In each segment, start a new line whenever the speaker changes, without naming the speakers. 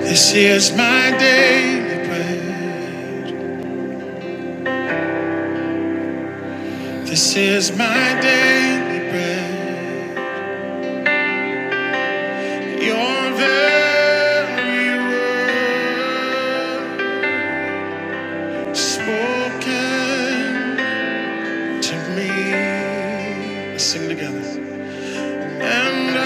This is my daily bread. This is my daily bread. Your very word spoken to me. Let's sing together. And I,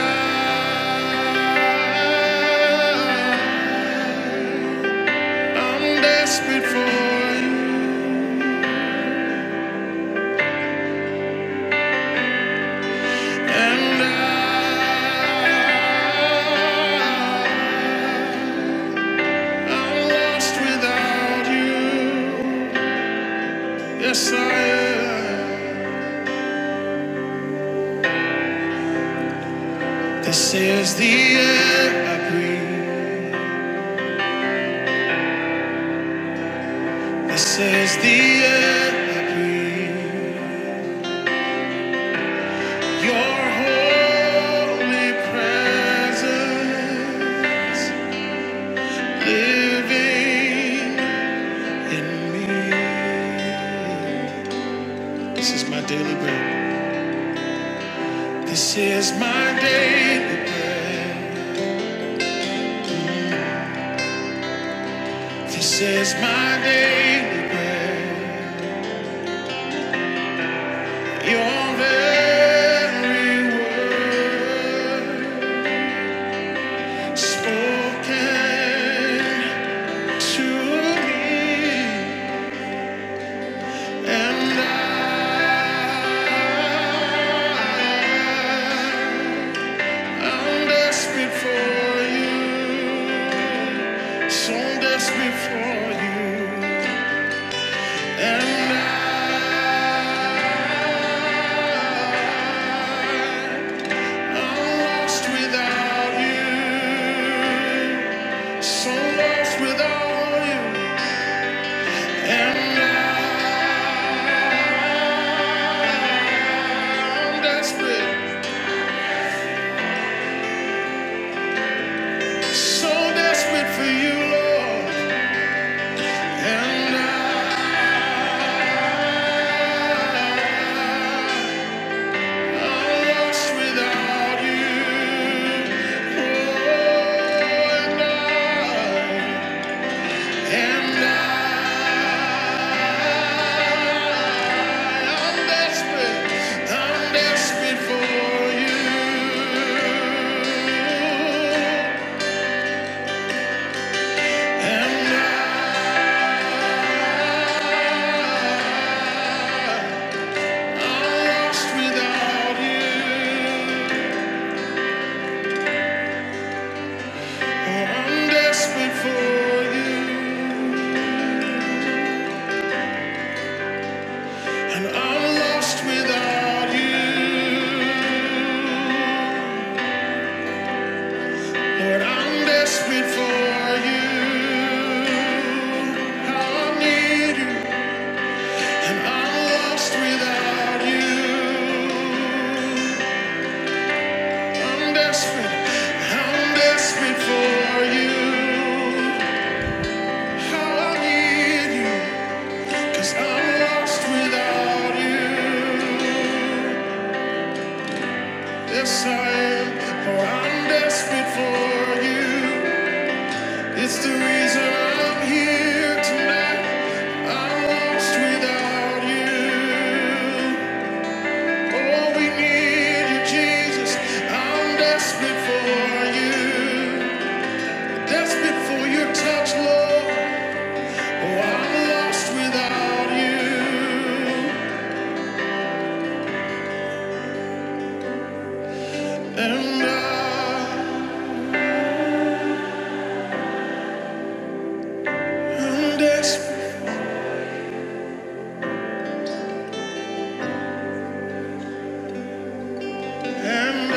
I'm desperate for you. And I. I'm lost without you. Yes, I am. This is the air I breathe. This is the air I breathe. Your holy presence living in me. This is my daily bread. This is my daily. This is my daily bread. Your very word. Spoken to me, and I, I'm desperate for you, so desperate for you, and I, I'm lost without you, so lost without you, and I'm desperate, so desperate for you, Lord, and I. Without you, Lord, I'm desperate for you. Yes, I need you, and I'm lost without you. I'm desperate, I'm desperate for you. I need you, 'cause I'm lost without you. Yes, I am, for I'm desperate for you. It's the reason I'm here tonight. I'm lost without you. Oh, we need you, Jesus. I'm desperate for you. Desperate for your touch, Lord. Oh, I'm lost without you. And I, I'm desperate. And I,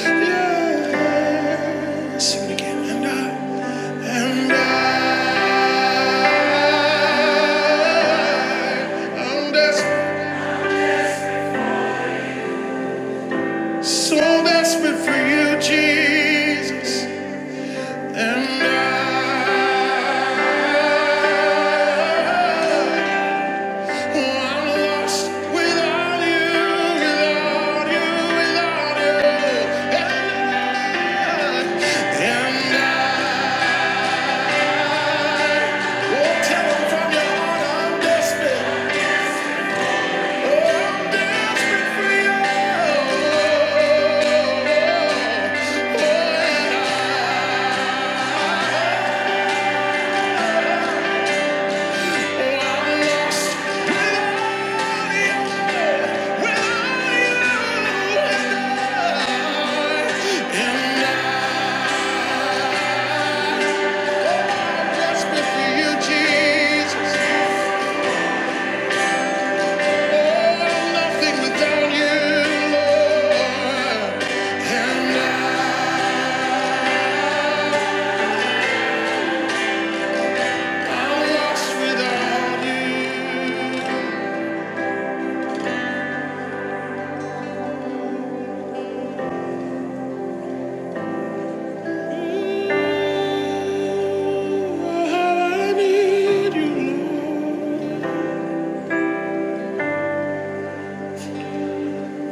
yeah. And I, and I, I'm desperate. So desperate for you, Jesus. And I. Without you, and I Just with you, Jesus. Oh, nothing without you, Lord. And I, I'm lost without you. Oh, how I need you, Lord.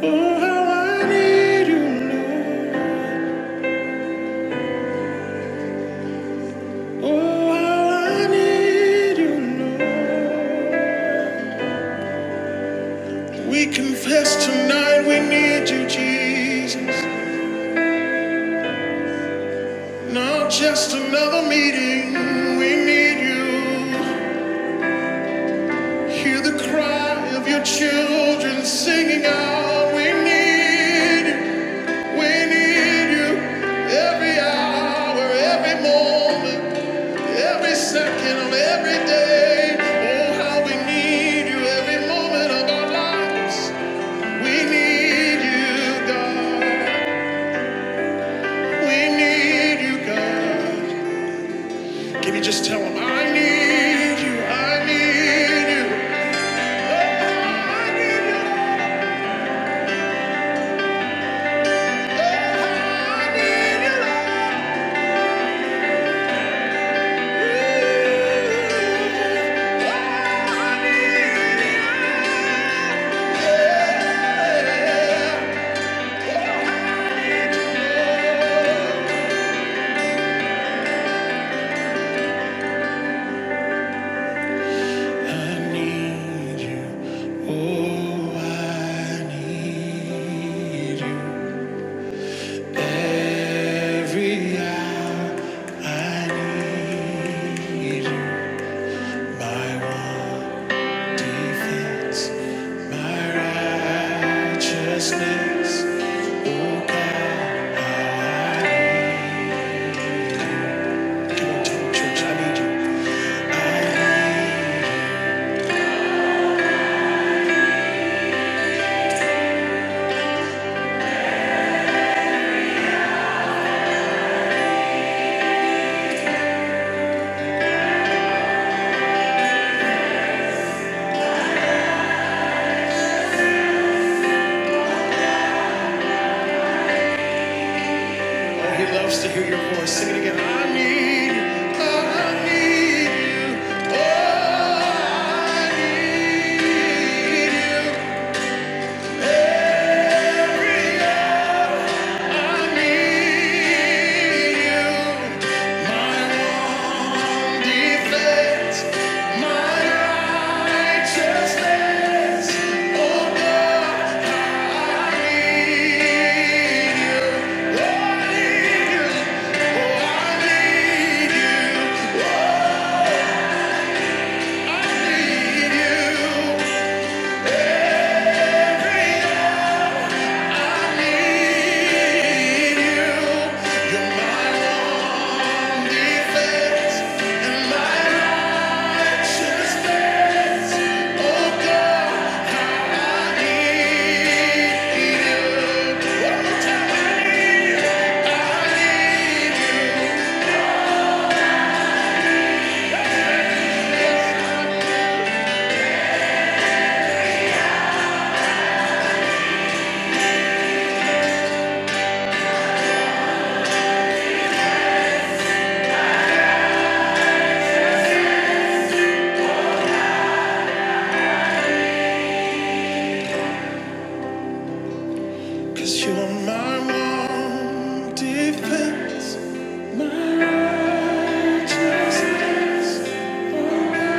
Oh, how I need you, Lord. Oh, how I need you, Lord. We confess tonight we need you, Jesus. Not just another meeting. We need you. Hear the cry of your children singing out. We need, you. we need you. Every hour, every moment, every second of every day. Oh, how we need you every moment of our lives. We need you, God. We need you, God. Can you just tell him, I need you, I need you. Oh, I need you, Oh, I need you, I need you. Oh, I need you. Every hour I need you. My one. Defense, my righteousness. Oh God, you. Come on, tell him, church, I need you. Oh, he loves to hear your voice. Sing it again. I need you. I need you. Oh, I need you. I need you. Cause you're my one defense, my righteousness. my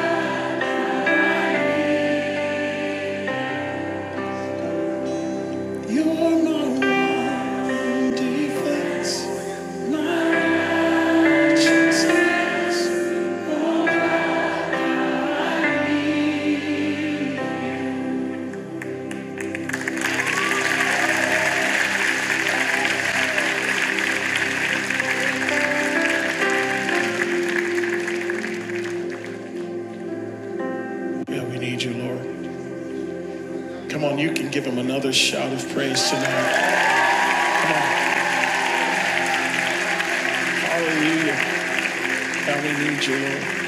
Yeah, we need you, Lord. Come on, you can give him another shout of praise tonight. Hallelujah. How we need you, Lord.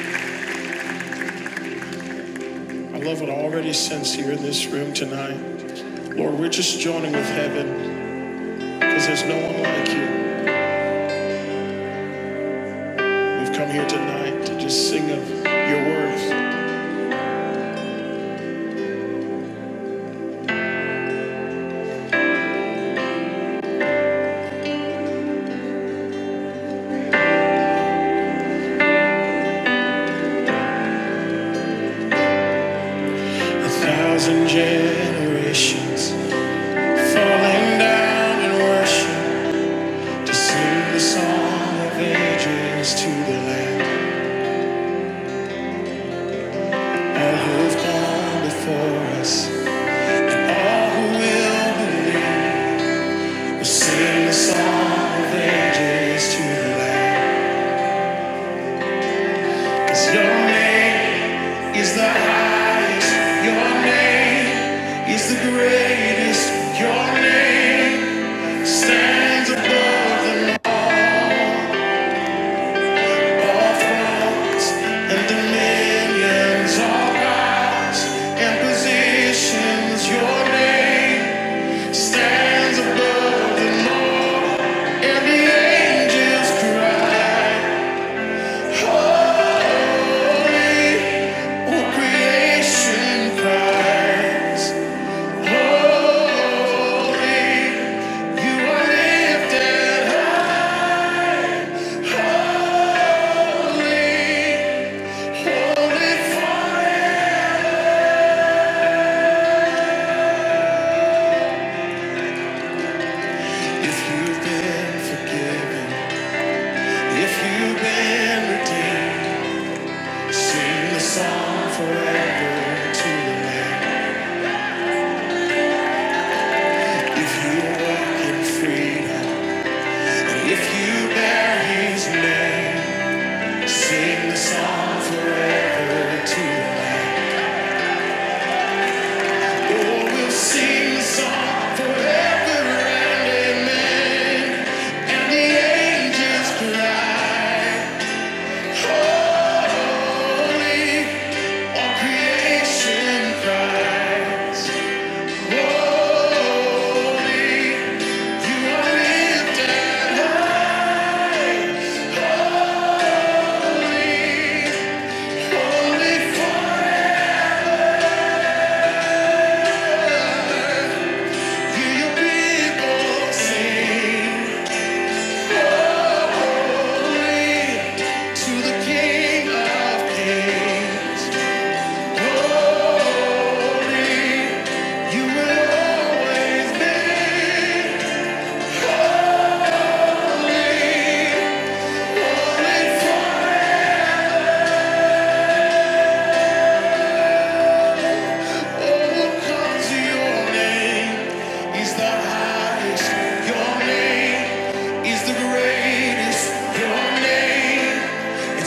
I love what I already sense here in this room tonight. Lord, we're just joining with heaven because there's no one like you. We've come here tonight to just sing of your worth. A thousand generations falling down in worship. To sing the song of ages to the land, all who have gone before us, all who will believe. will sing the song of ages to the land. 'Cause your name is the highest, your name is the greatest, your name stands above the land. and dominions all rise and positions your name stands above the law and the angels cry holy all creation cries holy you are lifted high holy holy forever If you've been forgiven, if you've been redeemed, sing the song forever to the Lamb. If you walk in freedom, and if you bear His name, sing the song forever to the Lamb. Oh, we'll sing the song forever and amen. And the angels cry. You will always be holy.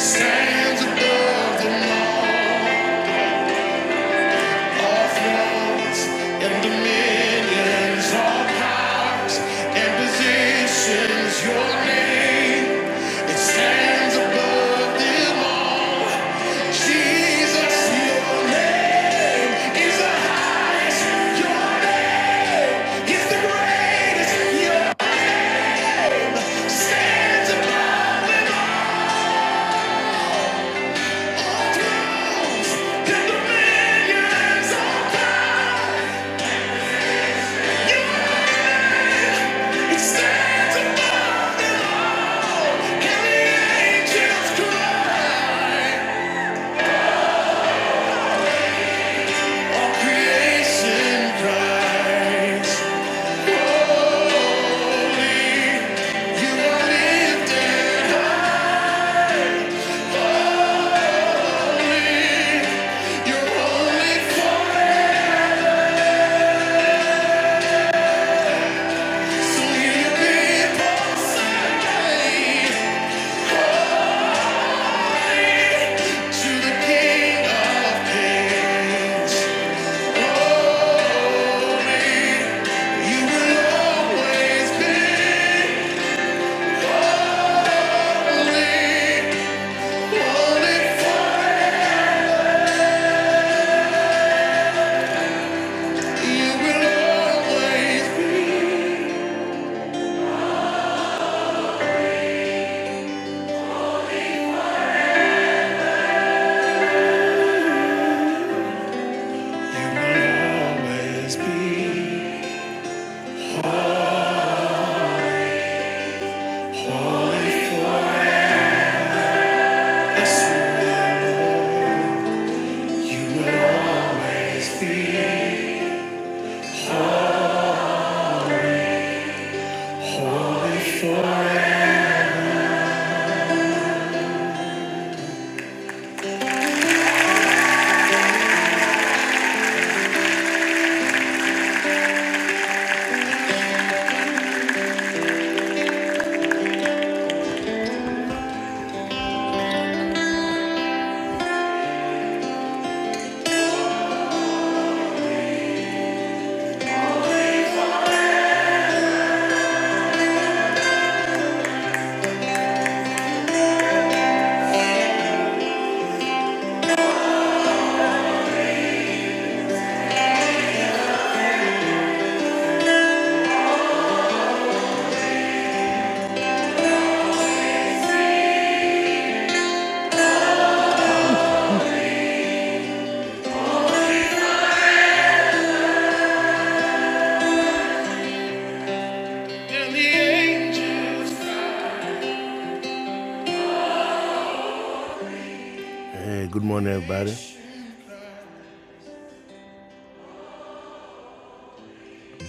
Stands above the law. Stands above. You will always be.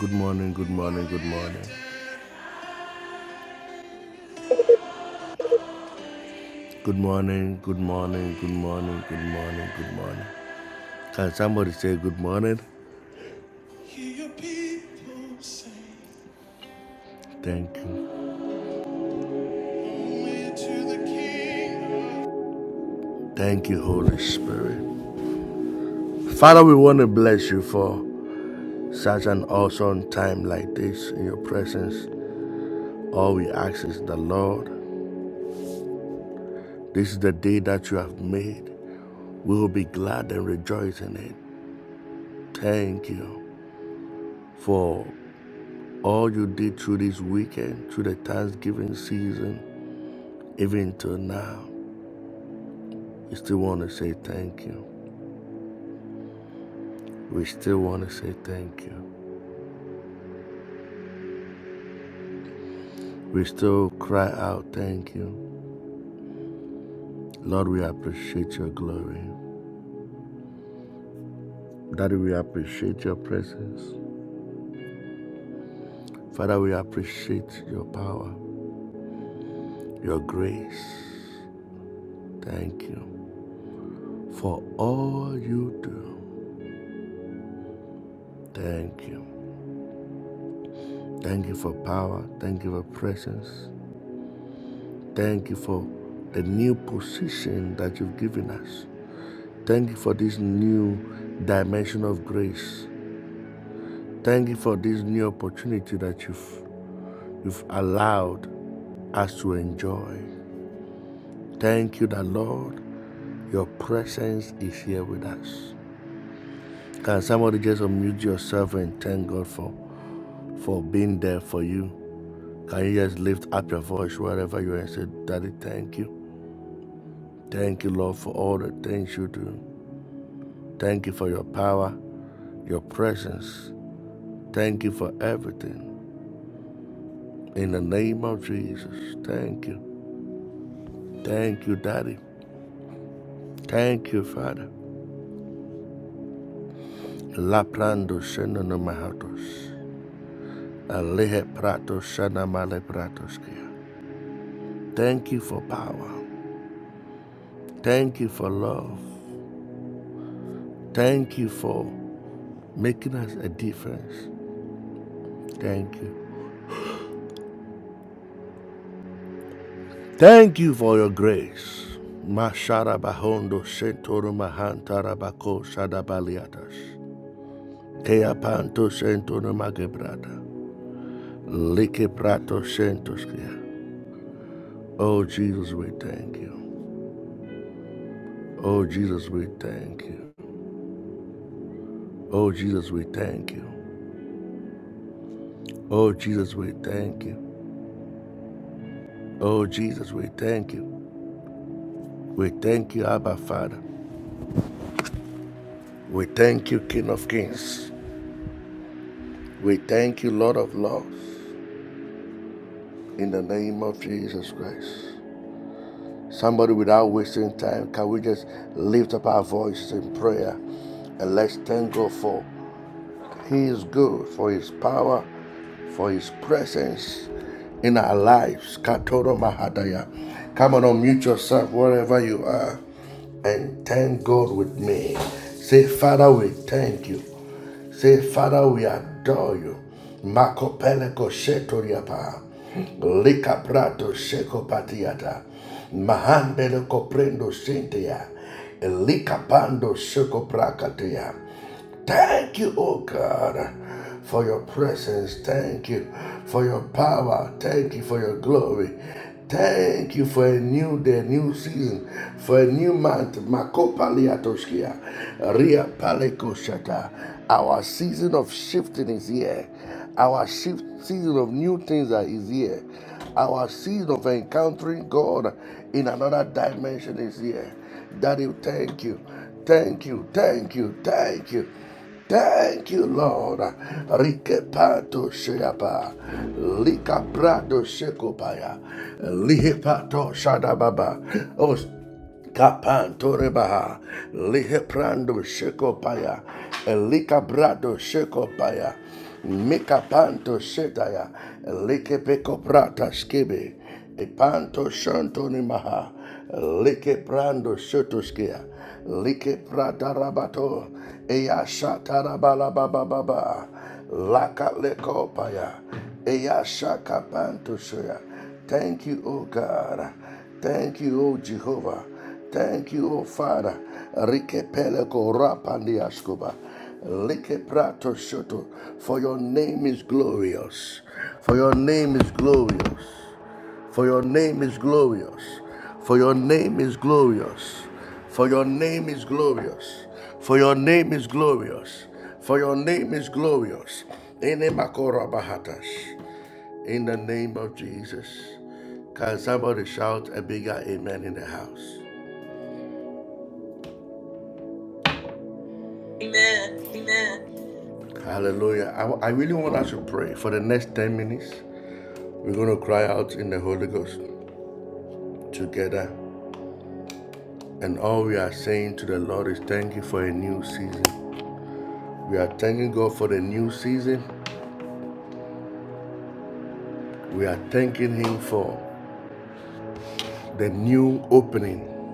Good morning, good morning, good morning. Good morning, good morning, good morning, good morning, good morning. Can somebody say good morning? Hear your people say. Thank you. Thank you, Holy Spirit. Father, we want to bless you for such an awesome time like this in your presence. All we ask is the Lord. This is the day that you have made. We will be glad and rejoice in it. Thank you for all you did through this weekend, through the Thanksgiving season, even till now. We still want to say thank you. We still want to say thank you. We still cry out, thank you. Lord, we appreciate your glory. Daddy, we appreciate your presence. Father, we appreciate your power, your grace. Thank you for all you do. Thank you. Thank you for power. Thank you for presence. Thank you for the new position that you've given us. Thank you for this new dimension of grace. Thank you for this new opportunity that you've, you've allowed us to enjoy. Thank you, that Lord, Your presence is here with us. Can somebody just unmute yourself and thank God for, for being there for you? Can you just lift up your voice wherever you are and say, Daddy, thank you. Thank you, Lord, for all the things you do. Thank you for your power, your presence. Thank you for everything. In the name of Jesus, thank you. Thank you, Daddy. Thank you, Father. La prando shena no mahatos. Alehe prato shana male pratos kia. Thank you for power. Thank you for love. Thank you for making us a difference. Thank you. Thank you for your grace. Mashara bahondo sentoro mahantara bako sadabaliatas. Kea sentoro magebrada Like prato sentoskia. Oh Jesus, we thank you. Oh Jesus, we thank you. Oh Jesus, we thank you. Oh Jesus, we thank you. Oh Jesus, we thank you. We thank you, Abba Father. We thank you, King of Kings. We thank you, Lord of Lords. In the name of Jesus Christ. Somebody, without wasting time, can we just lift up our voice in prayer and let's thank God for He is good, for His power, for His presence in our lives. Katoro Mahadaya. Come on, unmute yourself wherever you are and thank God with me. Say, Father, we thank you. Say, Father, we adore you. Makopeleko shetoriapa. Lika prato sheko patiata. Mahandele koprendo sintia. Lika pando sheko prakatia. Thank you, oh God, for your presence. Thank you for your power. Thank you for your glory. Thank you for a new day, new season, for a new month. Makopaliatoskia, Ria Palekoshata. Our season of shifting is here. Our shift season of new things is here. Our seed of encountering God in another dimension is here. Daddy, thank you. Thank you. Thank you. Thank you. Thank you, Lord. Rike pato sheapa, lika prato shekopaya, lihe pato shadababa. Oh, Kapanto rebaha, liheprando shekopaya, elikabrado shekopaya, mikapanto shetaya, likepeko prata skibi, epanto shanto nimaha, likeprando shotoskia, likeprata rabato, eyashata rabalabababa, lakalekopaya, eyashaka panto shoya, Thank you, O God. Thank you, O Jehovah. Thank you, O Father. Rike peleko rapandiaskuba. Like prato shoto. For your name is glorious. For your name is glorious. For your name is glorious. For your name is glorious. For your name is glorious. For your name is glorious. For your name is glorious. Ene makora bahatas. In the name of Jesus. Can somebody shout a bigger amen in the house? Amen.
Amen.
Hallelujah. I, I really want us to pray for the next 10 minutes. We're going to cry out in the Holy Ghost together. And all we are saying to the Lord is thank you for a new season. We are thanking God for the new season. We are thanking Him for the new opening,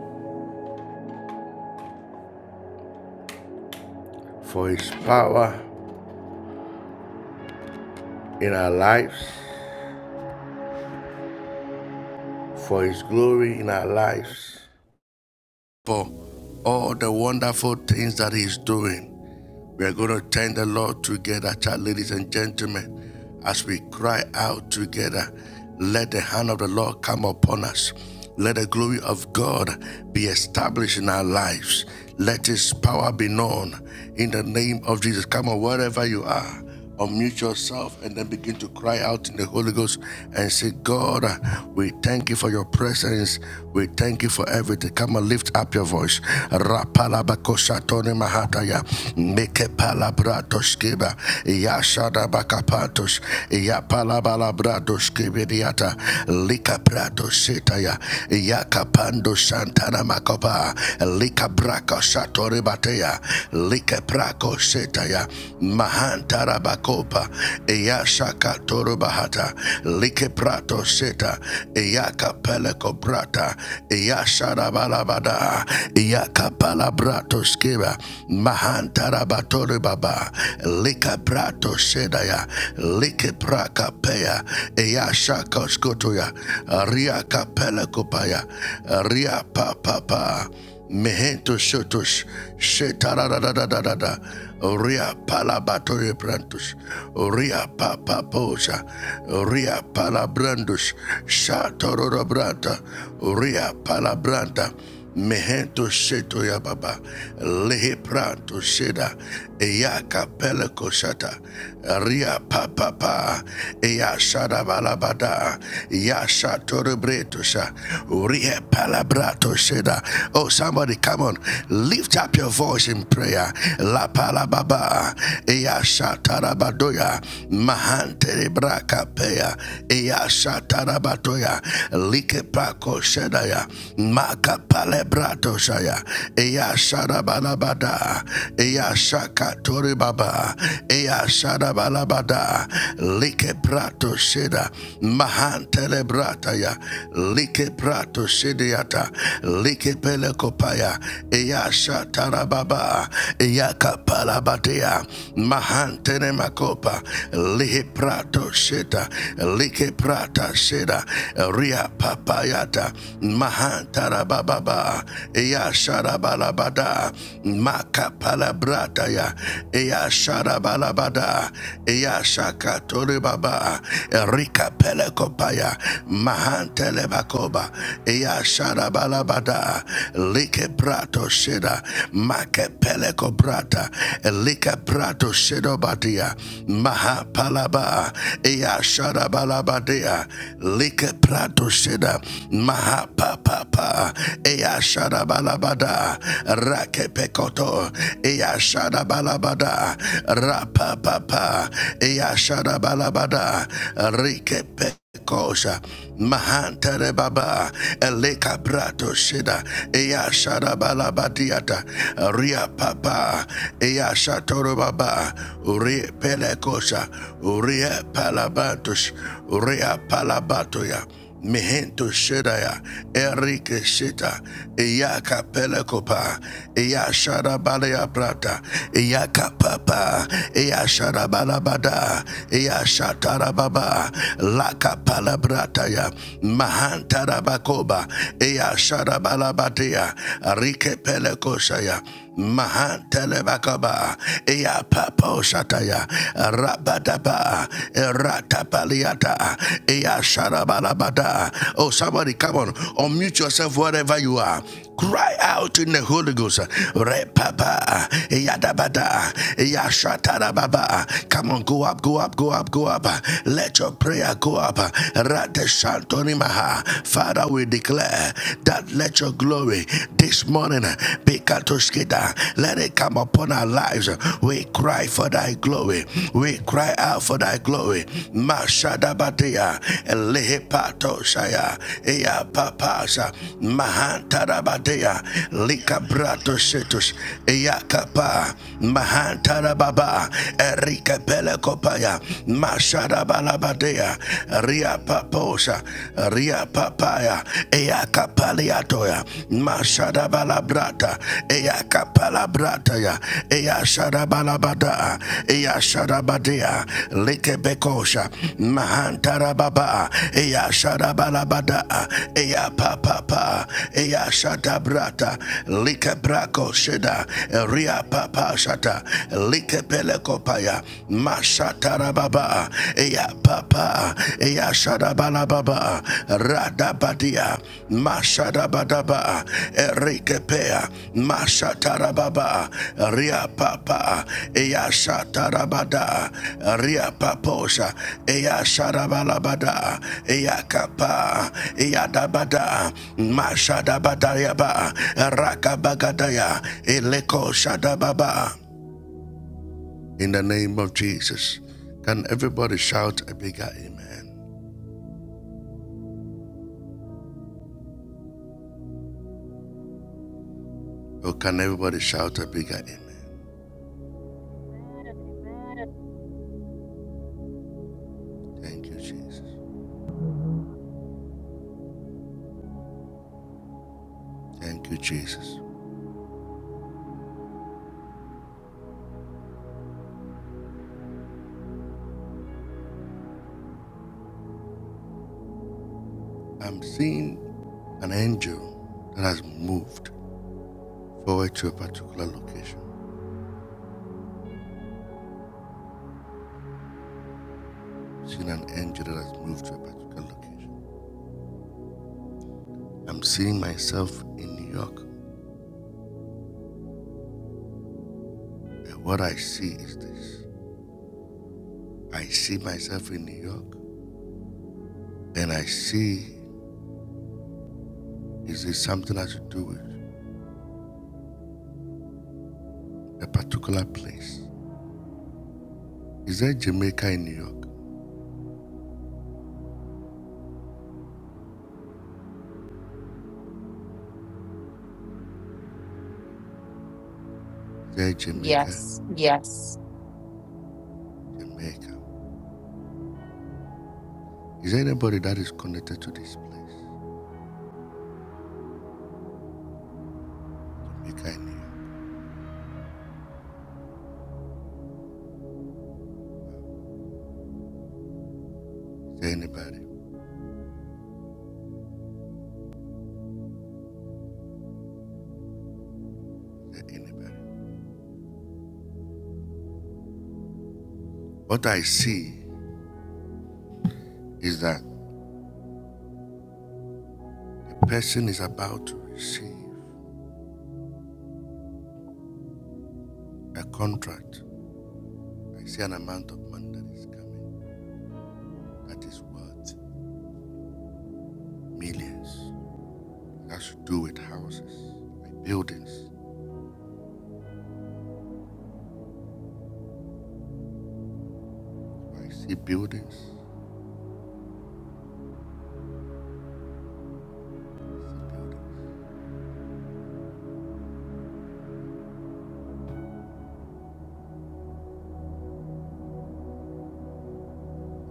for His power in our lives, for His glory in our lives, for all the wonderful things that He's doing. We're going to thank the Lord together, ladies and gentlemen, as we cry out together. Let the hand of the Lord come upon us. Let the glory of God be established in our lives. Let His power be known in the name of Jesus. Come on, wherever you are, unmute yourself and then begin to cry out in the Holy Ghost and say, God, uh, we thank you for your presence. We thank you for everything. Come and lift up your voice. Rapalabakoshatone Kataya, Mahantarabakopa, Eyashaka Torubahata, Likeprato Seta, Eyaka Pelekoprata, Eyasharabalabada, Eyaka Palabrato Skiba, mahantara Mahantarabatoribaba, Likaprato Sedaya, Likeprakapea, Eyashaka Skotoya, Ria Kapelekopaya, Ria Papapa. Meheto shotush, shetaradadadadada, ria palabatoye brantush, ria papaposa, ria palabrandush, shatorobranta, ria palabranta, mehento shetoya lehe prato sheda, Eyaka Pelekoshata, Ria Papapa, Eyashada Balabada, Yasha Torebretosha, Ria Palabrato Sheda. Oh, somebody, come on, lift up your voice in prayer. La Palababa, Eyasha Tarabadoya, Mahante Braka Peya, Eyasha Tarabatoya, Like Prako Shedaya, Maka Palebrato Shaya, Eyasha Balabada, Eyasha Katori Baba, Ea Shada Balabada, Like Prato Sheda, Mahan Telebrataya, Like Prato Shediata, Like Pelekopaya, Ea Shatara Baba, Ea Kapalabatea, Mahan Tenemakopa, like Prato Sheda, Like Prata Sheda, Ria Papayata, Mahan Tarababa, Ea Shada Balabada, maka palabrata ya. Eya Eya Sharabalabada Eya Shakatoribaba Erika Pelekopaya Mahantelebakoba Eya Sharabalabada Like Prato Sheda Make Peleko Prata Elika Prato Shedobadia Maha Palaba Eya Sharabalabadia Like Prato Sheda Maha Papa Eya Sharabalabada Rake pekoto, Eya Sharabalabada balabada, rapapapa, yashada balabada, rikepe. Kosha Mahantere Baba Eleka Prato Shida Ea Shada Balabadiata Ria Papa Eya Shatoro Baba Uri Pelekosha Uri Palabatus Uri Palabatoya Mihento Shedaya, Erike Shita, Eya Capella Copa, Eya Shadabalea Prata, Eya Capapa, Eya Shadabalabada, Eya Shatarababa, La Capala Brataya, Mahantarabacoba, Eya Shadabalabatea, Rike Pelecosaya. Mahantelebakaba, Eapapo Shataya, Rabadaba, Eratapaliata, Easharabalabada. Oh, somebody, come on, unmute yourself wherever you are. Cry out in the Holy Ghost. Repapa, Eyadabada, Eyashatarababa. Come on, go up, go up, go up, go up. Let your prayer go up. Rateshantorimaha. Father, we declare that God, let your glory this morning uh, be katoskida. Let it come upon our lives. We cry for thy glory. We cry out for thy glory. Mashadabadia, Lehepato Shaya, Ea Papasa, Mahantarabadia, Likabrato Setus, Ea Mahantarababa, Erika Pelekopaya, Mashadabalabadea, Ria Papo posha ria papaya ea kapaliatoya mashada balabrata ea kapalabrata ya ea shada balabada ea shada badea, badia likebekosha mahantara baba ea shada balabada ea papapa ea shada brata likebrako shida ria papa shata likepelekopaya mashata Ekarababa, Eya Papa, Eya Shadabalababa, Radabadia, Mashadabadaba, Erikepea, Mashatarababa, Ria Papa, Eya Shatarabada, Ria Paposha, Eya Shadabalabada, Eya Kapa, Eya Dabada, Mashadabadayaba, Rakabagadaya, Eleko Shadababa. In the name of Jesus. Can everybody shout a bigger amen? Or can everybody shout a bigger amen?
Amen.
Thank you, Jesus. Thank you, Jesus. I'm seeing an angel that has moved forward to a particular location. I'm Seeing an angel that has moved to a particular location. I'm seeing myself in New York. And what I see is this. I see myself in New York and I see is it something that has to do with a particular place. Is there Jamaica in New York? Is there Jamaica? Yes.
Yes.
Jamaica. Is there anybody that is connected to this place? Jamaica in New York. Is there anybody? Is there anybody? What I see is that the person is about to receive a contract. I see an amount of money that is coming that is worth millions. That should do with houses, with buildings. I see buildings. I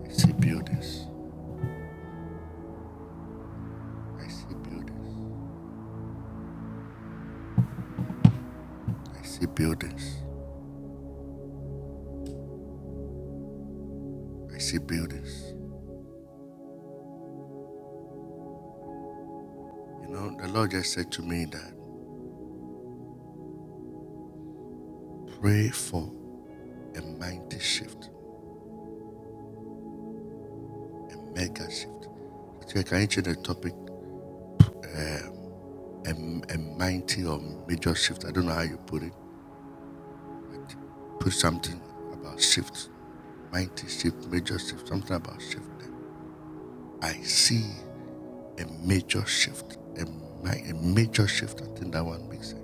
see buildings. I see buildings. I see buildings. I see buildings. I see buildings. You know, the Lord just said to me that pray for a mighty shift, a mega shift. So I can change the topic, um, a, a mighty or major shift. I don't know how you put it, but put something about shift, mighty shift, major shift, something about shift. I see a major shift, a, a major shift. I think that one makes sense.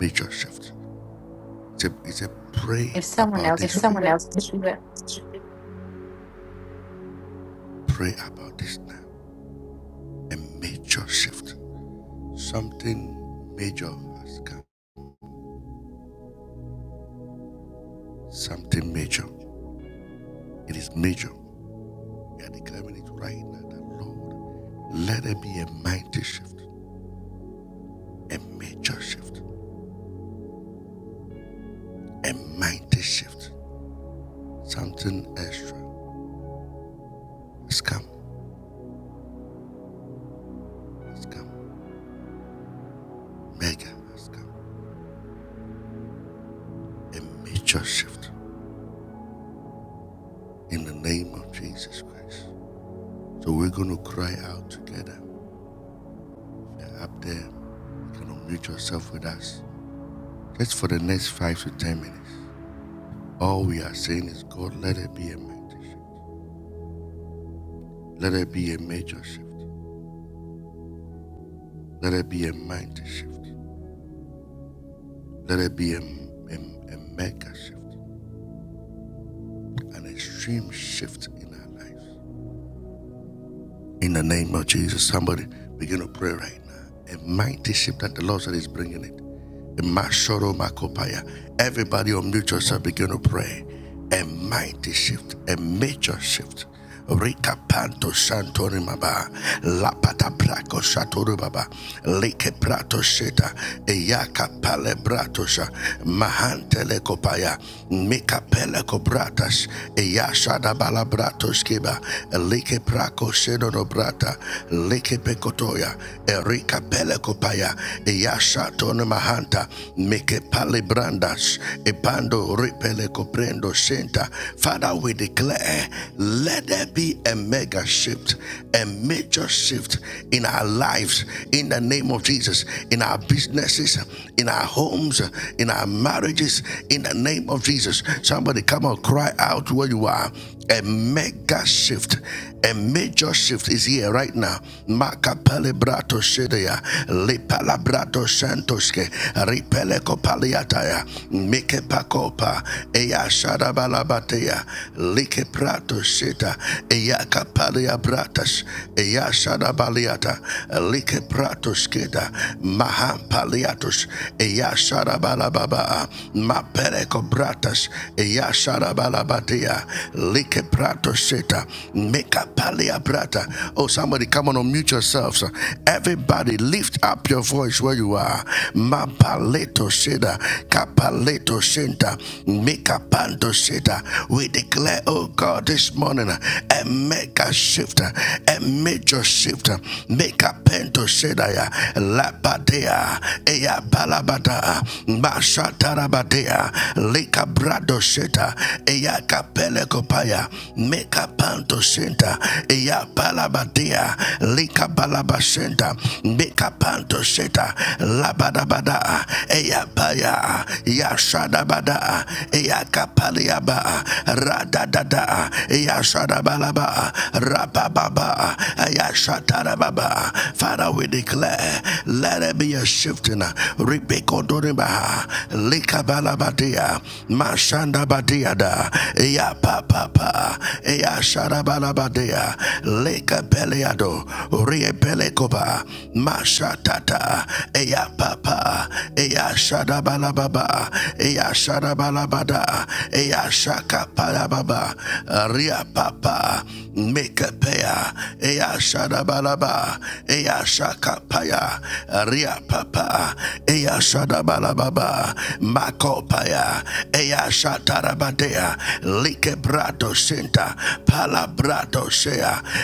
Major shift. It's a, it's a pray,
If someone else could do it.
pray about this now. A major shift Something major has come. Something major. It is major. We are declaring it right now that Lord, let there be a mighty shift, a major shift, a mighty shift. Something extra has come, has come. Mega has come. A major shift in the name of Jesus Christ. So we're going to cry out together. If you're up there, you can unmute yourself with us just for the next five to ten minutes. All we are saying is, God, let it be a mighty shift. Let it be a major shift. Let it be a mighty shift. Let it be a, a, a mega shift, an extreme shift in our lives. In the name of Jesus, somebody begin to pray right now. A mighty shift that the Lord said is bringing it. Mashoro Makopaya. Everybody unmute yourself, begin to pray. A mighty shift, a major shift. Rika Panto Santori Maba, Lapata Praco Satori Baba, Lake Prato Seta, Eyaka Pale Bratosha, Mahantele Kopaya, Mika Pele Cobratas, Eyashada Balabratos Kiba, Lake Praco Sedono Brata, Lake Pecotoya, Erika Pele kopaya eyasha tono mahanta meke pale brandas ebando repele coprendo senta. Father, we declare, let there be a mega shift, a major shift in our lives, in the name of Jesus, in our businesses, in our homes, in our marriages, in the name of Jesus. Somebody come on, cry out where you are. A mega shift, a major shift is here right now. Maka pelebrato shedeya, le palabrato shantoske, ripele kopaliataya, meke pakopa, eya shadabalabateya, like prato sheta, eya kapalia bratas, eya shadabaliata, like prato skeda, maha paliatus, eya shadabalababa, ma pereko bratas, eya shadabalabatea, like brato sheta. Meka palea brata. Oh, somebody come on, unmute yourselves. Everybody lift up your voice where you are. Ma paleto sheta. Kapaleto shenta. Meka panto sheta. We declare, oh God, this morning, a mega shift, a major shift. Meka pento sheta ya. La padea. Eya balabada. Masha Tarabadea, Leka brado Lika sheta eya kapele kopaya meka panto shenta eya palabadia lika balabashenta meka panto sheta labadabada eya paya ya shadabada eya kapaliaba radadada eya shadabalaba rabababa eya shatarababa Father we declare let it be a shifting Rebecca Doriba lika balabadia, mashanda badiada, ya papa, ya sharabalabadia, leka peleado, riepelekoba, mashatata, ya papa, ya shadabalababa, ya shadabalabada, ya shakapalababa, ria papa, mekepea, ya shadabalaba, Ea shaka shakapaya, ria papa, ya Eya Shadabalababa, Makopaya, Eya Shatarabadea, Likebrato Shinta, Palabrato Shea,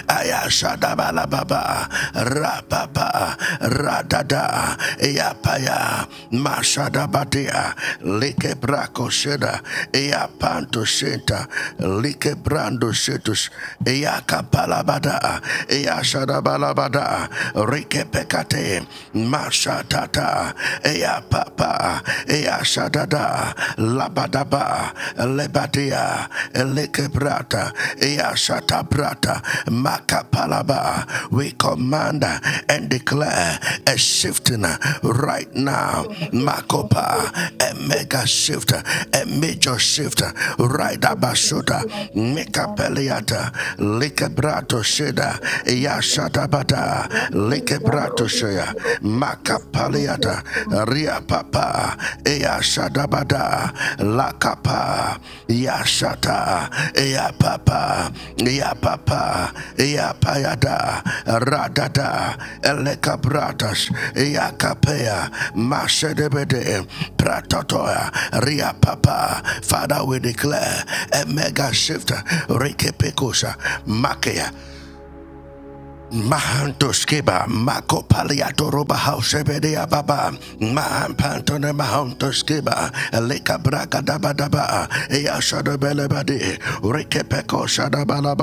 Eya Shadabalababa, Rapapa, Radada, Eya Paya, Mashadabadea, Likebrako Sheda, Eya Panto Shinta, Likebrando Shetus, Eya Kapalabada, Eya Shadabalabada, Rikepekate, Mashatata, Ea Papa, Ea Shadada, Labadaba, Lebadia, Elekebrata, Ea Shatabrata, Makapalaba. We command and declare a shifting right now. Makopa, a mega shift, a major shift, right
Yes,
abashuta,
Lord.
Mikapeliata, Likebrato Shida,
Amen.
Ea Shadabada. Makapaliata,
Yeah, yeah, Lord. Yes,
Lekebratoshea,
Lord. Yes,
Makapaliata,
Lord.
Riapapa, Ea Shadabada, Lakapa, Yashata, Ea Papa, Ea Papa, Ea Payada, Radada, Elekabratas, Ea Kapea, Mashedebede, Pratotoya, Ria Papa. Father, we declare a mega shift. Rikepekosa, Makea, Mahantoskeba, Makopaliatoroba Hausebedia Baba, Mahan Pantone Mahantoskeba, Eleka Braga dabadaba. Daba, Ea Shadabelebadi, Rikepeko Shadabala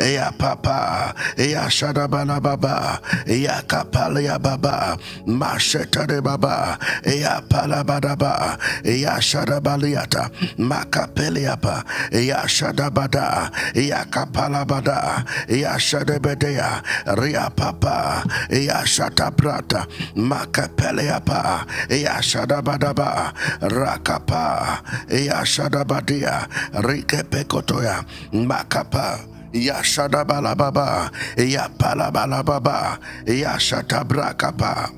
Ea Papa, Ea shadabalababa, Baba, Ea Kapalia Baba, Mashetade Baba, Ea Palabadaba, Ea Shadabaliata, Mak. Yakapeliapa, Yashadabada, Yakapalabada, Yashadebedea, Riapapa, Yashataprata, Makapeliapa, Yashadabadaba, Rakapa, Yashadabadia, Rikepekotoya, Makapa. Yashadabalababa, Yapalabalababa, Yashatabraka. Rakapa,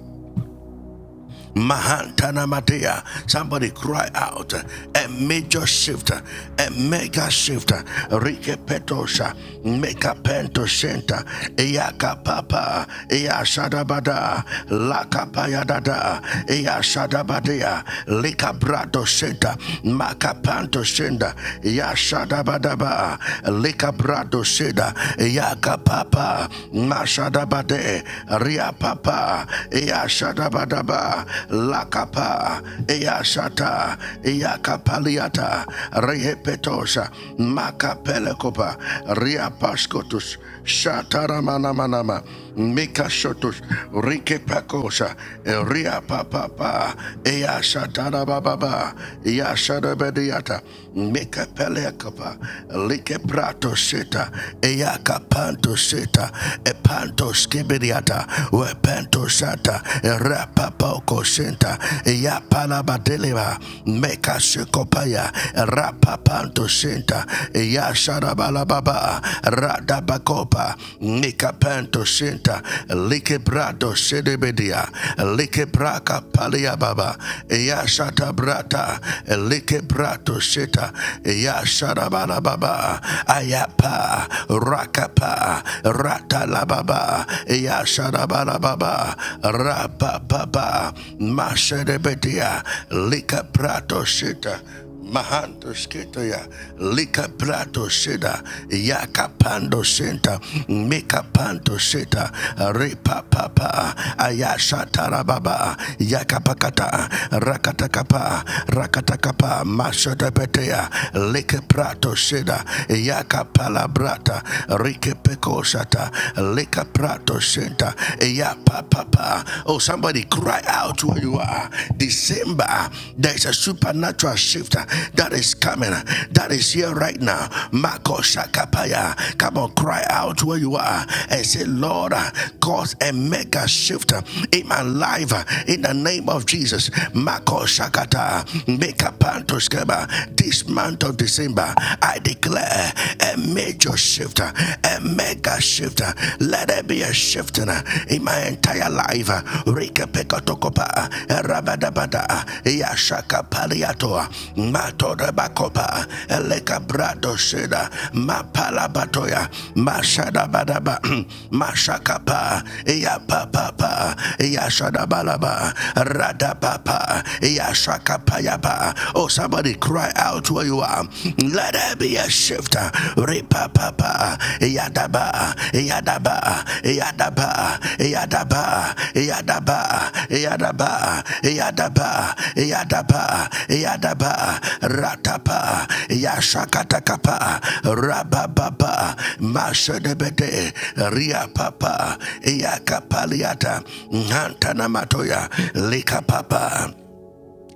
Mahantana Matea. Somebody cry out a major shift, a mega shift. Rike Petosha, Meka Pento Center, Eyaka Papa, Eyashadabada, Lakapayadada, Eyashadabadea, Likabrato Center, Makapanto Center, Yashadabadaba, Likabrato Center, Yaka Papa, Mashadabade, Ria Papa, Lakapa, Eyashadabadaba, Lakapa, Eyashata, Eyakapaliata, Rehepetosha, Makapelekopa, Riapaskotus, Shataramanama, Mikashotus, Rikepakosha, Riapapapa, Eyashatarababa, Yashadabediata, Mikapelekopa, Likeprato Seta, Eyakapanto Seta, Epanto Ratos Kibiriata, Wepento Shata, Rapapoko Shinta, Yapalabadeleva, Meka Shikopaya, Rapapanto Shinta, Yasharabalababa, Radabakopa, Nikapento Shinta, Likibrado Shidibidia, Likibraka Paliababa, Yashata Brata, Likibrato Shita, Yasharabalababa, Ayapa, Rakapa baba rata la baba ya shara bara baba rapa baba masherebedia lika prato shita Mahanto skito ya lika prato shida yaka pando shinta mika panto shita ripa papa ayasha tarababa yaka pakata rakata kapa rakata kapa mashoda petea lika prato shida ya Yaka palabrata, rike peko leka prato shenta, eya papa. Oh, somebody cry out where you are. December, there is a supernatural shift that is coming, that is here right now. Mako shakapaya. Come on, cry out where you are and say, Lord, uh, cause a mega shift uh, in my life uh, in the name of Jesus. Mako shakata, meka panto skeba, dismantle of December, I declare a major shift, uh, a mega shift. uh, Let there be a shift in uh, my entire life. uh, Rika Pekotokopa, uh, Rabadabada, uh, Yashaka Paliatoa, Matoda bakopa, Eleka Brado Sheda, Mapalabatoya, Mashadabadaba, Mashakapa, Yapapapa, Yashadabalaba, Radapapa, Yashakapayaba. Oh, somebody cry out where you are. Let there be a shift. Ripa papa. Yadaba. Yadaba. Yadaba. Yadaba. Yadaba. Yadaba. Yadaba. Yadaba. Yadaba. Ratapa. Yashakatakapa. Rabababa. Mashadebete. Ria papa. Yakapaliata. Ntanamatoya. Lika papa.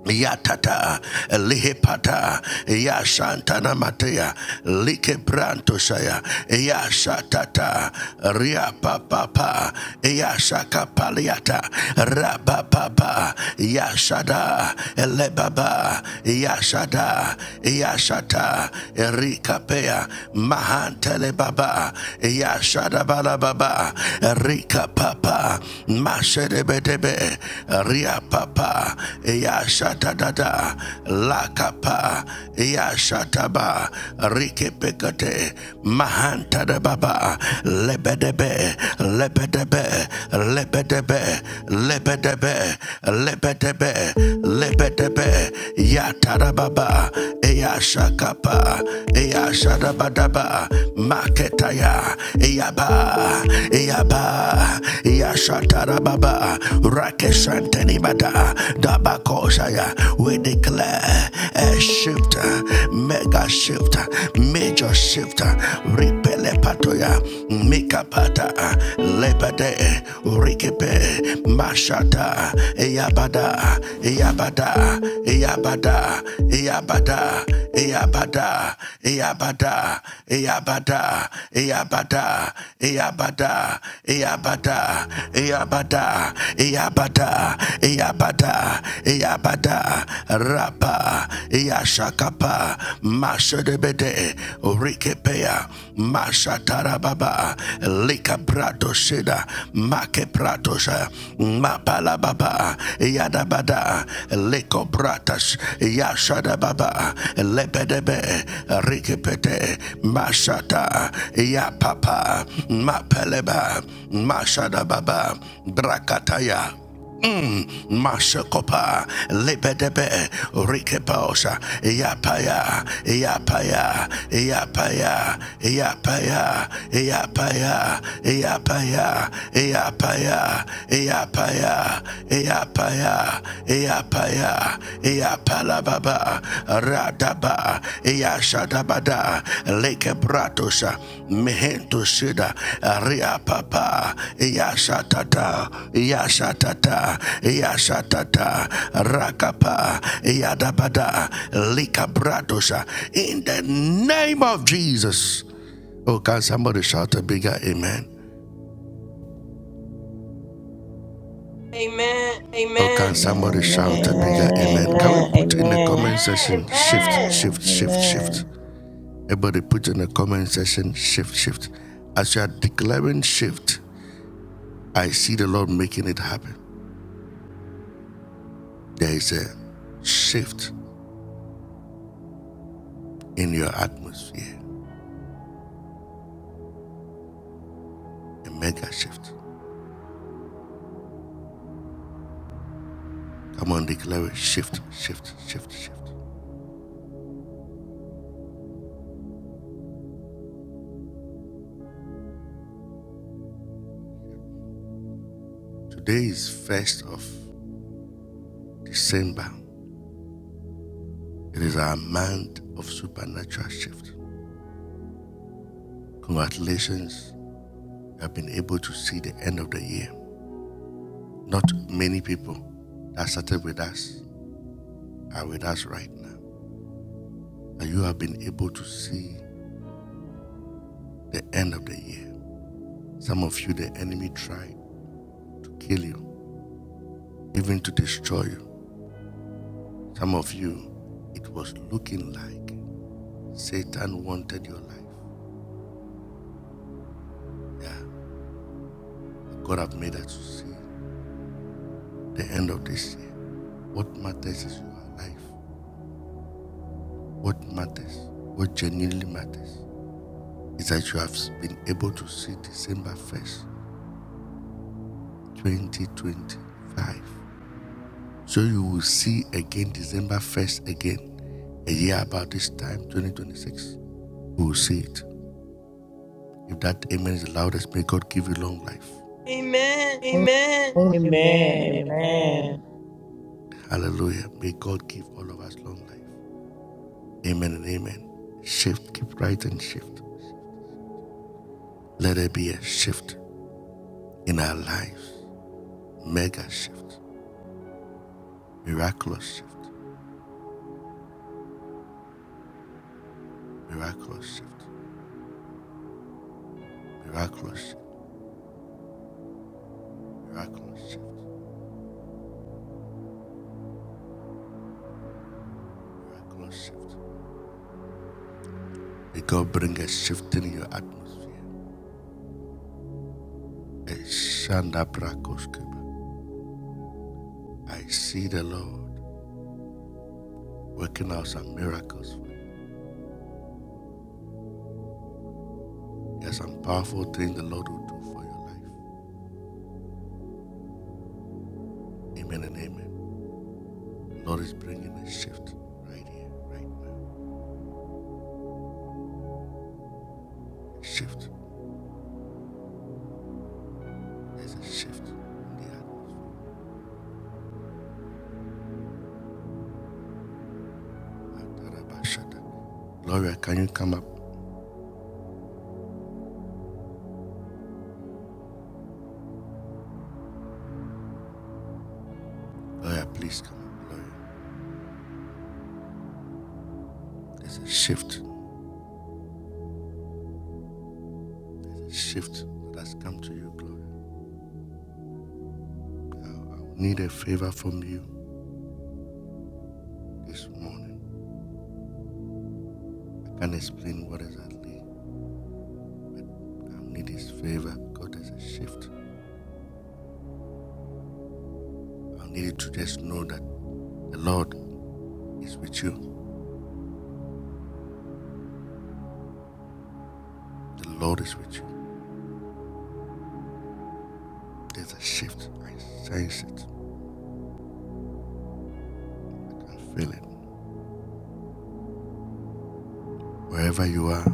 Yatata, Lihepata, Yashantana Matea, Likebranto Shaya, Yashatata, Riapapapa, Yashakapaliata, Rabapapa, Yashada, Lebaba, Yashada, Yashata, Rikapea, Mahantele Baba, Yashada Balababa, Rikapapa, Mashedebedebe, Riapapa, Yashatadada Lakapa Yashataba Rikipekate Mahantadababa Lebedebe Lebedebe Lebedebe Lebedebe Lebedebe Lebedebe Yatarababa Eyashakapa Eyashadabadaba Maketaya Eyaba Eyaba Yashatarababa Rakeshantenibada Dabakosaya, we declare a shift, mega shift, major shift, repele patoya, mikapata, lepade, rikipe, mashata, yabada, yabada, yabada, yabada, yabada, yabada, yabada, yabada, yabada, yabada, yabada, yabada, Yabada, Yabada, Rapa, Yashakapa, Mashadebede, Rikepea, Mashatarababa, Lika Prato Shida, Make Pratosha, Mapalababa, Yadabada, Liko Pratas, Yashadababa, Lepedebe, Rikepete, Mashata, Yapapa, Mapeleba, Mashadababa, Brakataya. Mm, Mashakopa, Lebedebe, Rikepaosha, Yapaya, Yapaya, Yapaya, Yapaya, Yapaya, Yapaya, Yapaya, Yapaya, Yapaya, Yapaya, Yapala baba Radaba Eyashadabada Lake Bratosa Mehento Shida Ria Papa Eyashatata Eyashatata Eyashatata Rakapa Eyadabada Lika Bratosa in the name of Jesus. Oh, can somebody shout a bigger amen? Amen. Oh,
Amen.
can somebody amen. shout a
Amen.
bigger Amen. amen? Can we
Amen. Amen.
session shift,
Amen.
shift, shift, shift?
Amen.
Everybody put in the comment section shift, shift. As you are declaring shift, I see the Lord making it happen. There is a shift in your atmosphere, a mega shift. Come on, declare it. Shift, shift, shift, shift. Today is 1st of December. It is our month of supernatural shift. Congratulations, you have been able to see the end of the year. Not many people that started with us are with us right now. And you have been able to see the end of the year. Some of you, the enemy tried to kill you, even to destroy you. Some of you, it was looking like Satan wanted your life. Yeah, God have made us to see the end of this year. What matters is your life. What matters, what genuinely matters, is that you have been able to see December 1st, 2025. So you will see again December 1st again, a year about this time, 2026. We will see it. If that amen is the loudest, may God give you long life. Amen.
Amen.
Amen.
Amen.
Amen.
Amen.
Hallelujah. May God give all of us long life. Amen and amen. Shift, keep right and shift. Let there be a shift in our lives. Mega shift. Miraculous shift. Miraculous shift. Miraculous shift. Miraculous shift. Miraculous shift. May God bring a shift in your atmosphere. A Shanda Brakoskeba. I see the Lord. working out some miracles for you. There's some powerful things the Lord will do for your life. Amen and amen. The Lord is bringing a shift right here, right now. Shift. There's a shift in the atmosphere. Gloria, can you come up? Gloria, please come up. Gloria, there's a shift. There's a shift that has come to you, Gloria. I, I will need a favor from you this morning. I can't explain what exactly. I need His favor. God, there's a shift. I need you to just know that the Lord is with you. The Lord is with you. There's a shift. I sense it. I can feel it. Wherever you are,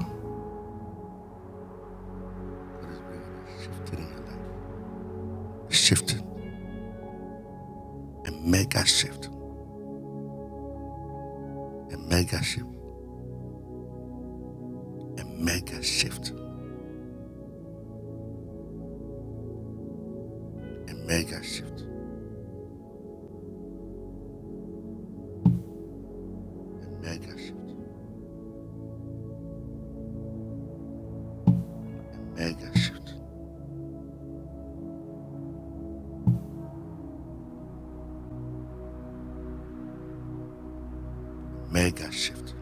God is bringing a shift in your life. Shift. A mega shift. A mega shift. A mega shift. A mega shift. A mega shift. A mega shift. Mega shift.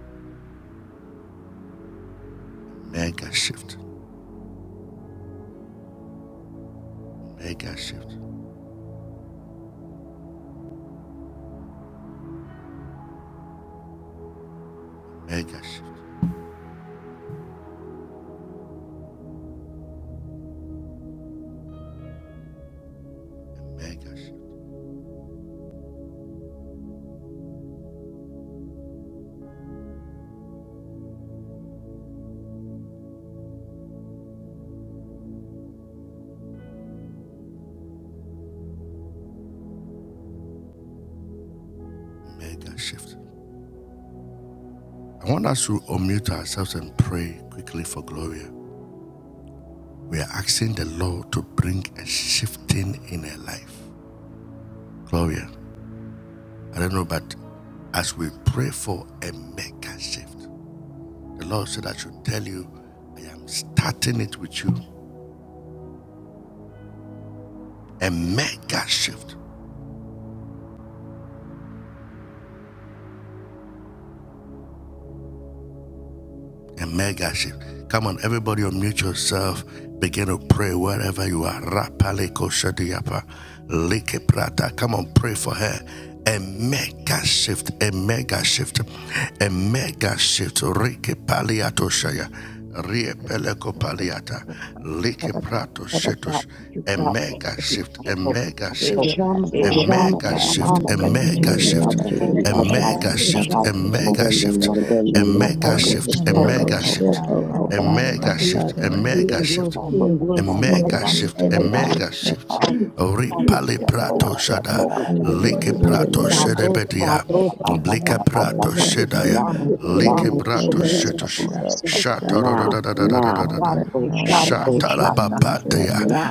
Mega shift. Mega shift. Mega shift. A mega shift. Mega shift. I want us to unmute ourselves and pray quickly for Gloria. We are asking the Lord to bring a shifting in her life. Gloria, I don't know, but as we pray for a mega shift, the Lord said, I should tell you, I am starting it with you. A mega shift. A mega shift. Come on, everybody, unmute yourself. Begin to pray wherever you are. Rapale koshadiyapa, leke prata. Come on, pray for her. A mega shift, a mega shift, a mega shift. Rike paliato shaya, riepeleko paliata, leke
Thank
prato
Father,
shito.
you,
A
God. Thank
mega shift, a
you,
mega
God.
shift, a
dear
Ishama,
mega
mama,
Papa,
shift,
mama,
a
in
katima,
mega
the
shift
name of Jesus,
in
a
my
Father
family,
mega
God, give a
shift,
Ishama,
miracle shift, a
in
miracle
the
a
shift,
name of
mega
a
Jesus,
shift,
oh
Amen.
God,
miracle
Yes,
shift over
oh
our
God,
life, Father God, in the name
you
a
God,
of Jesus.
you and your one,
You
oh
know
mega
what
God,
you
you
shift,
give
a
stand
mega
us
in
shift,
that
a
need
which is
of,
mega shift,
Father.
done,
a mega shift, a mega shift, a mega shift.
Father,
Ripali
you give
Amen,
prato
shift,
Father
shada,
oh
God.
God, you
leke
give
In the
them,
prato
name of Jesus,
shedebedia,
God,
Father
oh
God.
leke prato
You
God,
are
shedaya,
making
it's
a shift,
now,
leke
a
in the
prato
miracle
name of
shetush,
over
Jesus,
us, Father God.
shata da da
it's
da da da da da
now,
Right now, in
God,
the
oh
name
shata la
of
ba
Shata,
Jesus.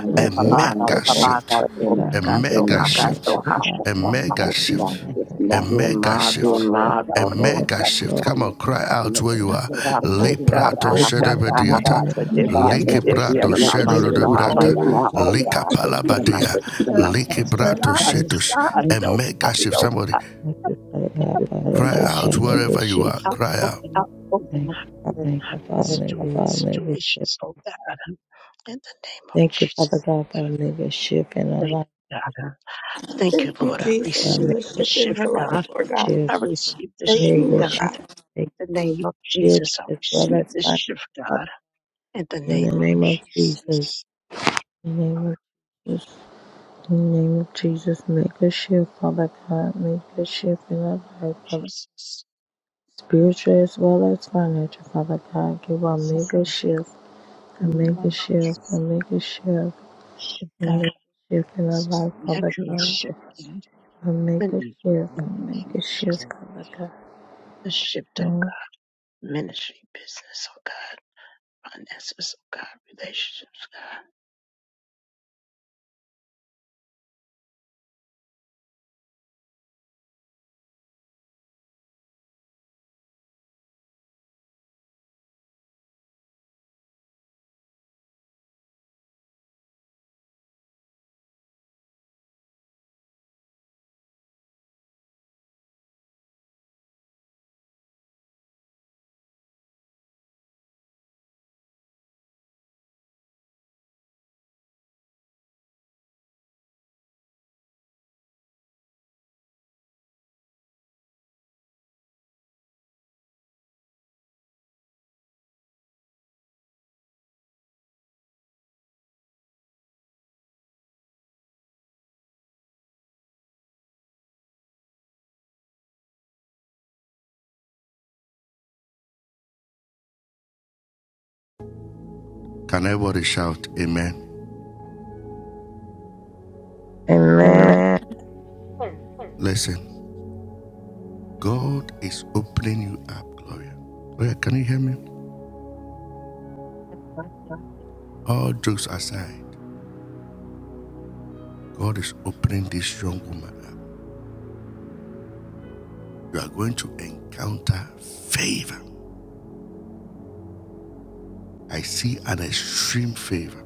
it's
I
a
thank
now, the
mega
you,
Baba,
shift,
God, oh,
Lord,
a
in
Thank
mega shift,
God,
you,
oh,
a
Hashem,
mega
Father
shift,
Yes,
a
Lord.
mega shift,
Ima
a
toro
mega shift. Come on, cry out where you are.
Satya,
Leprato shedebediata,
sata.
Amen.
God, let there be a
lekibrato
Yes,
mothership in my
shedodebrata,
life now, oh God.
Yeah,
likapalabadia,
With the message,
yeah,
the
likibrato
yeah, Lord.
message,
shetus,
God,
a mega
you
shift.
know,
Somebody
God,
cry
God, for
out
our mega
wherever
shift.
be filled
cry out.
up, oh God, with
Thank you, Father God, for our mega shift.
situations, oh God, in the name of
Thank you, Father
Jesus.
God, for our mega shift in our
Thank
life.
you, God. Thank you,
Thank you,
Lord.
Thank
I
you for
Jesus,
our
for
receive
the
the
mega
shift in
shift,
her life,
mega
God.
Lord God.
shift,
I receive the
Thank
shift,
you,
mega
Lord
God.
shift,
God.
mega
In the name of
shift,
Jesus, I
as well
receive
as
the
financial.
shift,
Father.
God. In the
In
name
the
of
name of Jesus,
Jesus,
in the name of Jesus, in the name of Jesus, make a shift, Father God, make a shift in our life, Father
Jesus,
spiritual as well as financial. Father God, give a
and Father,
mega
in
shift, a
the name
mega
of
shift,
Jesus,
a mega shift,
shift
a
God,
mega shift in our life, Father
natural
God.
shift, in
A
the
mega
in
shift, a
the name
mega
of
shift,
Jesus,
Father God.
the shift, oh
Amen.
God, ministry, business, oh God, finances, oh God, relationships.
Can everybody shout amen?
Amen.
Amen.
Listen, God is opening you up, Gloria. Gloria, can you hear me? All jokes aside, God is opening this young woman up. you are going to encounter favor. I see an extreme favor.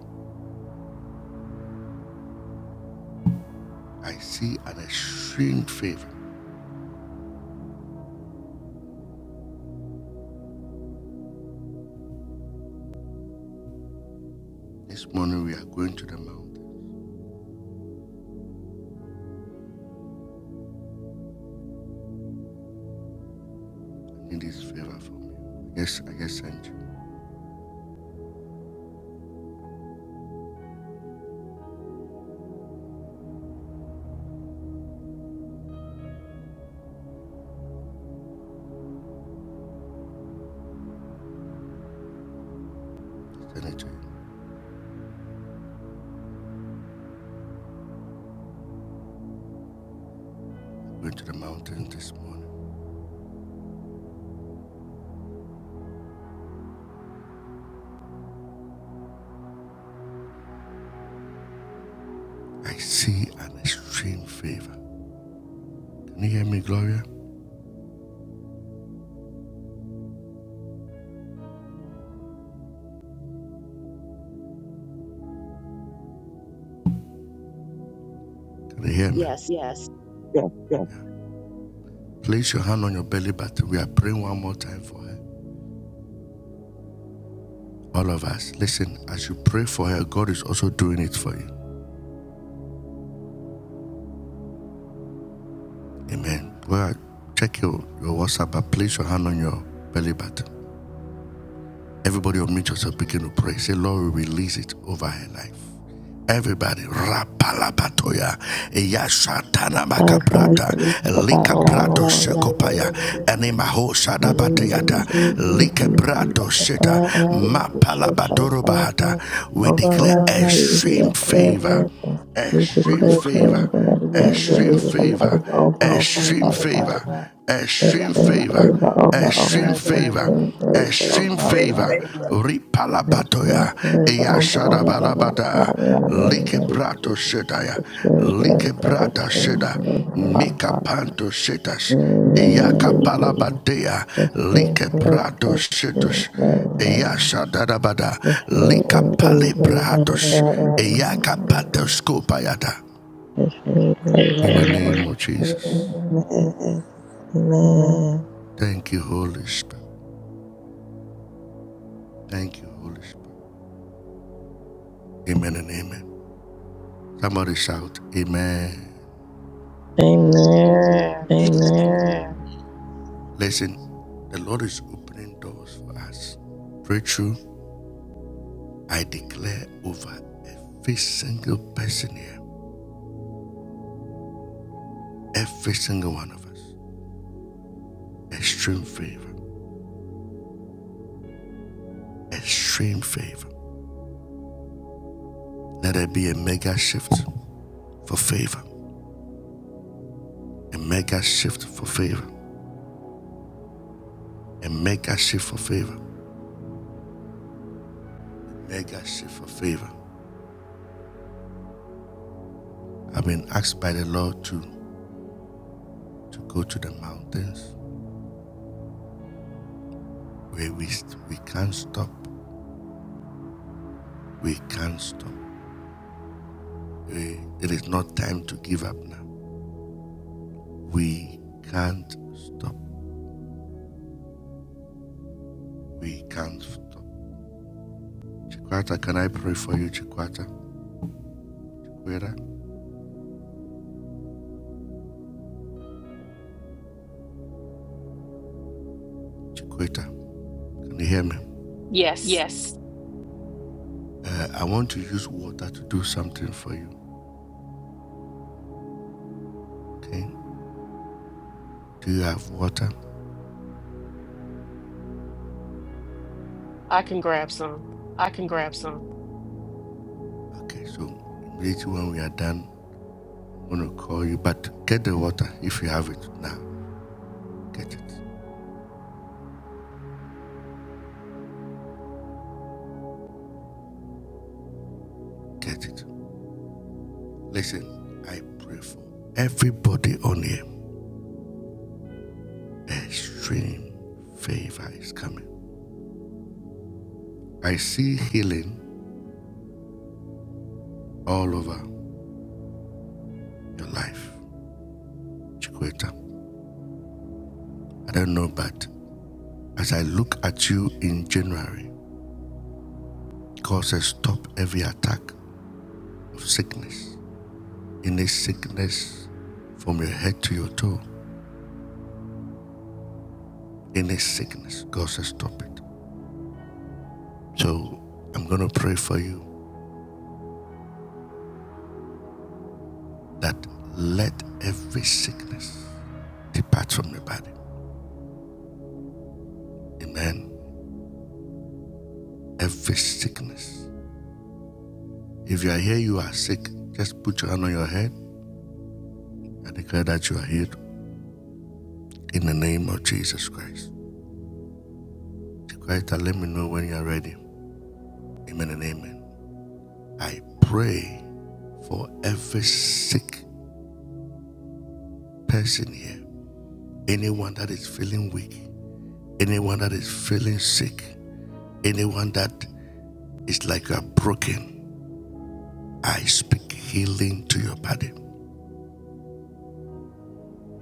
I see an extreme favor. This morning we are going to the mountain. I need this favor from you. Yes, I just sent you. I Send it to you. I'm going to the mountain this morning. I see an extreme favor. Can you hear me, Gloria? Can you hear me?
Yes,
Place your hand on your belly button. We are praying one more time for her. All of us. Listen, as you pray for her, God is also doing it for you. Amen. Well, check your, your WhatsApp, but place your hand on your belly button. Everybody unmute yourself, begin to pray. Say, Lord, we release it over her life. Everybody, rapalabatoya,
Life
eyashatanabakabra,
release it, Father
likakopaya,
God, over rapid religion,
enemaho shadabateyata,
religion, youth, and youth.
likebrato
Father
sheta,
God, I release it, Father
Mapalabatoro
God,
bahata. We
over
declare
rapid release,
extreme favor,
resurrection. We
extreme,
declare strength,
Thank
favor, release,
favor.
favor over our life,
extreme
Father God.
favor,
you,
extreme
Extend
favor
favor over
extreme
life.
favor,
Extend favor
extreme
Lord.
over
favor.
life. Extend
Ripalabatoya,
favor over life. Oh
Eyashadabalabata,
God, in the name of Jesus.
Brato Shetaya,
Extend favor.
Librata
Extend
Sheda,
favor,
Mika
Father.
Panto Shetas,
In the name of Jesus.
Dea, Lika
Extend
Brato
favor. Extend
Shetus,
favor.
Eyashadabada, Lika
Extend favor, Father
Palibratos,
God. Extend
Eyaka
favor.
Patoskopayata.
Extend
In
favor
the name of Jesus.
over life. Amen. Amen.
Thank you, Holy Spirit. Thank you, Holy Spirit. Amen and amen. Somebody shout, Amen.
Amen.
Amen. Listen, the Lord is opening doors for us. Breakthrough, I declare over every single person here, every single one of us, extreme favor, extreme favor. Let there be a mega shift for favor, a mega shift for favor, a mega shift for favor, mega shift for favor. I've been asked by the Lord to, to go to the mountains where we, we can't stop, we can't stop. Eh, It is not time to give up now. We can't stop. We can't stop. Chikwata, can I pray for you, Chikwata? Chikweta? Chikweta, can you hear me?
Yes,
Uh, I want to use water to do something for you, okay? Do you have water?
I can grab some.
Okay, so immediately when we are done, I'm going to call you. But get the water if you have it now. Get it. Get it. Listen, I pray for everybody on here. Extreme favor is coming. I see healing all over your life, Chikweta. I don't know, but as I look at you in January, God says stop every attack of sickness. Any sickness from your head to your toe, any sickness, God says stop it. So I'm going to pray for you that let every sickness depart from your body. Amen. Every sickness. If you are here, you are sick, just put your hand on your head and declare that you are healed in the name of Jesus Christ. Be quiet and let me know when you are ready. Amen and amen. I pray for every sick person here. Anyone that is feeling weak, anyone that is feeling sick, anyone that is like you are broken. I speak healing to your body.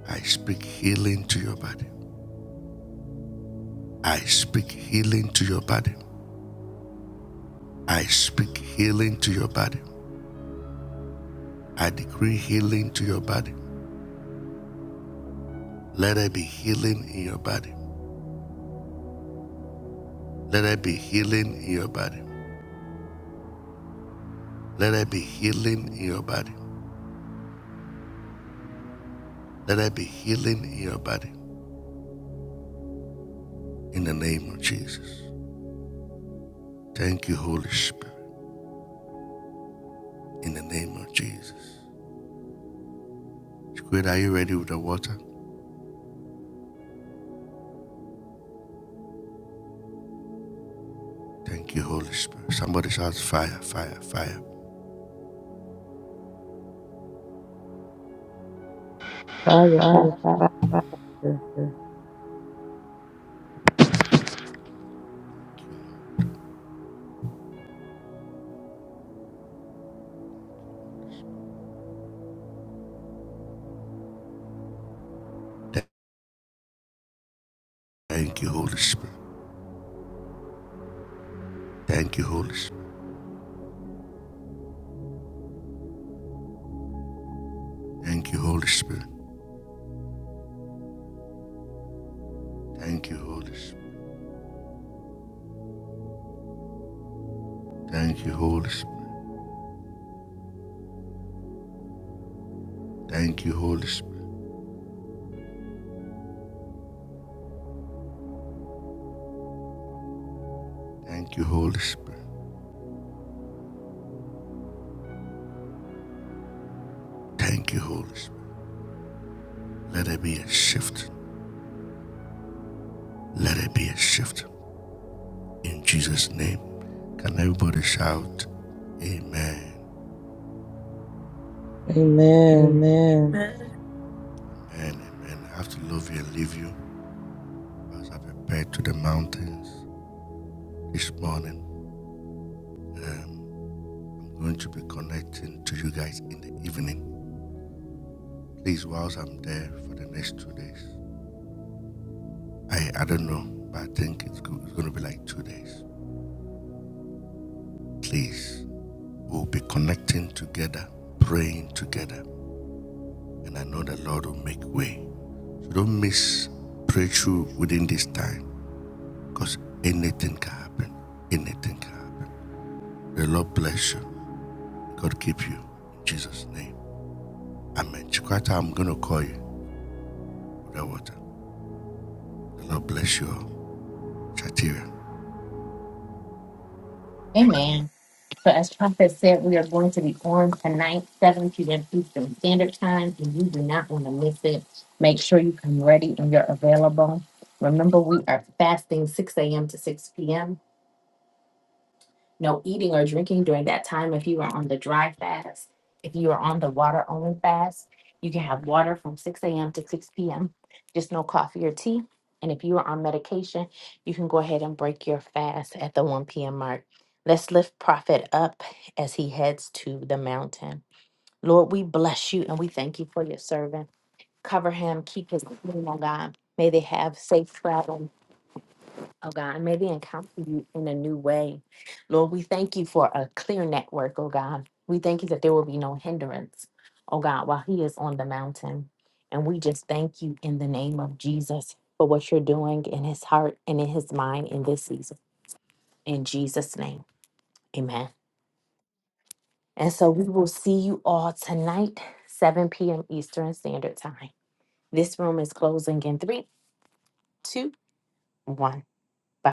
I speak healing to your body. I speak healing to your body. I speak healing to your body. I decree healing to your body. Let there be healing in your body. Let there be healing in your body. Let there be healing in your body. Let there be healing in your body. In the name of Jesus. Thank you, Holy Spirit. In the name of Jesus. Squid, are you ready with the water? Thank you, Holy Spirit. Somebody shouts fire, fire, fire.
Father, Father, Father.
Thank you, Holy Spirit. Thank you, Holy Spirit. Thank you, Holy Spirit. Thank you, Holy Spirit. Thank you, Holy Spirit. Thank you, Holy Spirit. Thank you, Holy Spirit. Thank you, Holy Spirit. Let it be a shift. Let it be a shift. In Jesus' name. Can everybody shout Amen?
Amen.
Amen. Amen. Amen. I have to love you and leave you as I prepare to the mountains this morning. Um, I'm going to be connecting to you guys in the evening. Please, whilst I'm there for the next two days, I, I don't know, but I think it's, go, it's going to be like two days. Please, we'll be connecting together, praying together, and I know the Lord will make way. So don't miss pray through within this time. Because anything can happen. Anything can happen. The Lord bless you. God keep you. In Jesus' name. Amen. Chikwata, I'm going to call you. water. The Lord bless you all. Shatira.
Amen. So as Prophet said, we are going to be on tonight, 7 p.m. Eastern Standard Time, and you do not want to miss it. Make sure you come ready and you're available. Remember, we are fasting 6 a.m. to 6 p.m. no eating or drinking during that time. If you are on the dry fast, if you are on the water only fast, you can have water from 6 a.m. to 6 p.m., just no coffee or tea. And if you are on medication, you can go ahead and break your fast at the 1 p.m. mark. Let's lift Prophet up as he heads to the mountain. Lord, we bless you and we thank you for your servant. Cover him, keep his clean, oh God. May they have safe travel oh God, and may they encounter you in a new way. Lord, we thank you for a clear network, oh God. We thank you that there will be no hindrance, oh God, while he is on the mountain. And we just thank you in the name of Jesus for what you're doing in his heart and in his mind in this season. In Jesus' name, amen. And so we will see you all tonight, 7 p.m. Eastern Standard Time. This room is closing in three, two, one. Bye.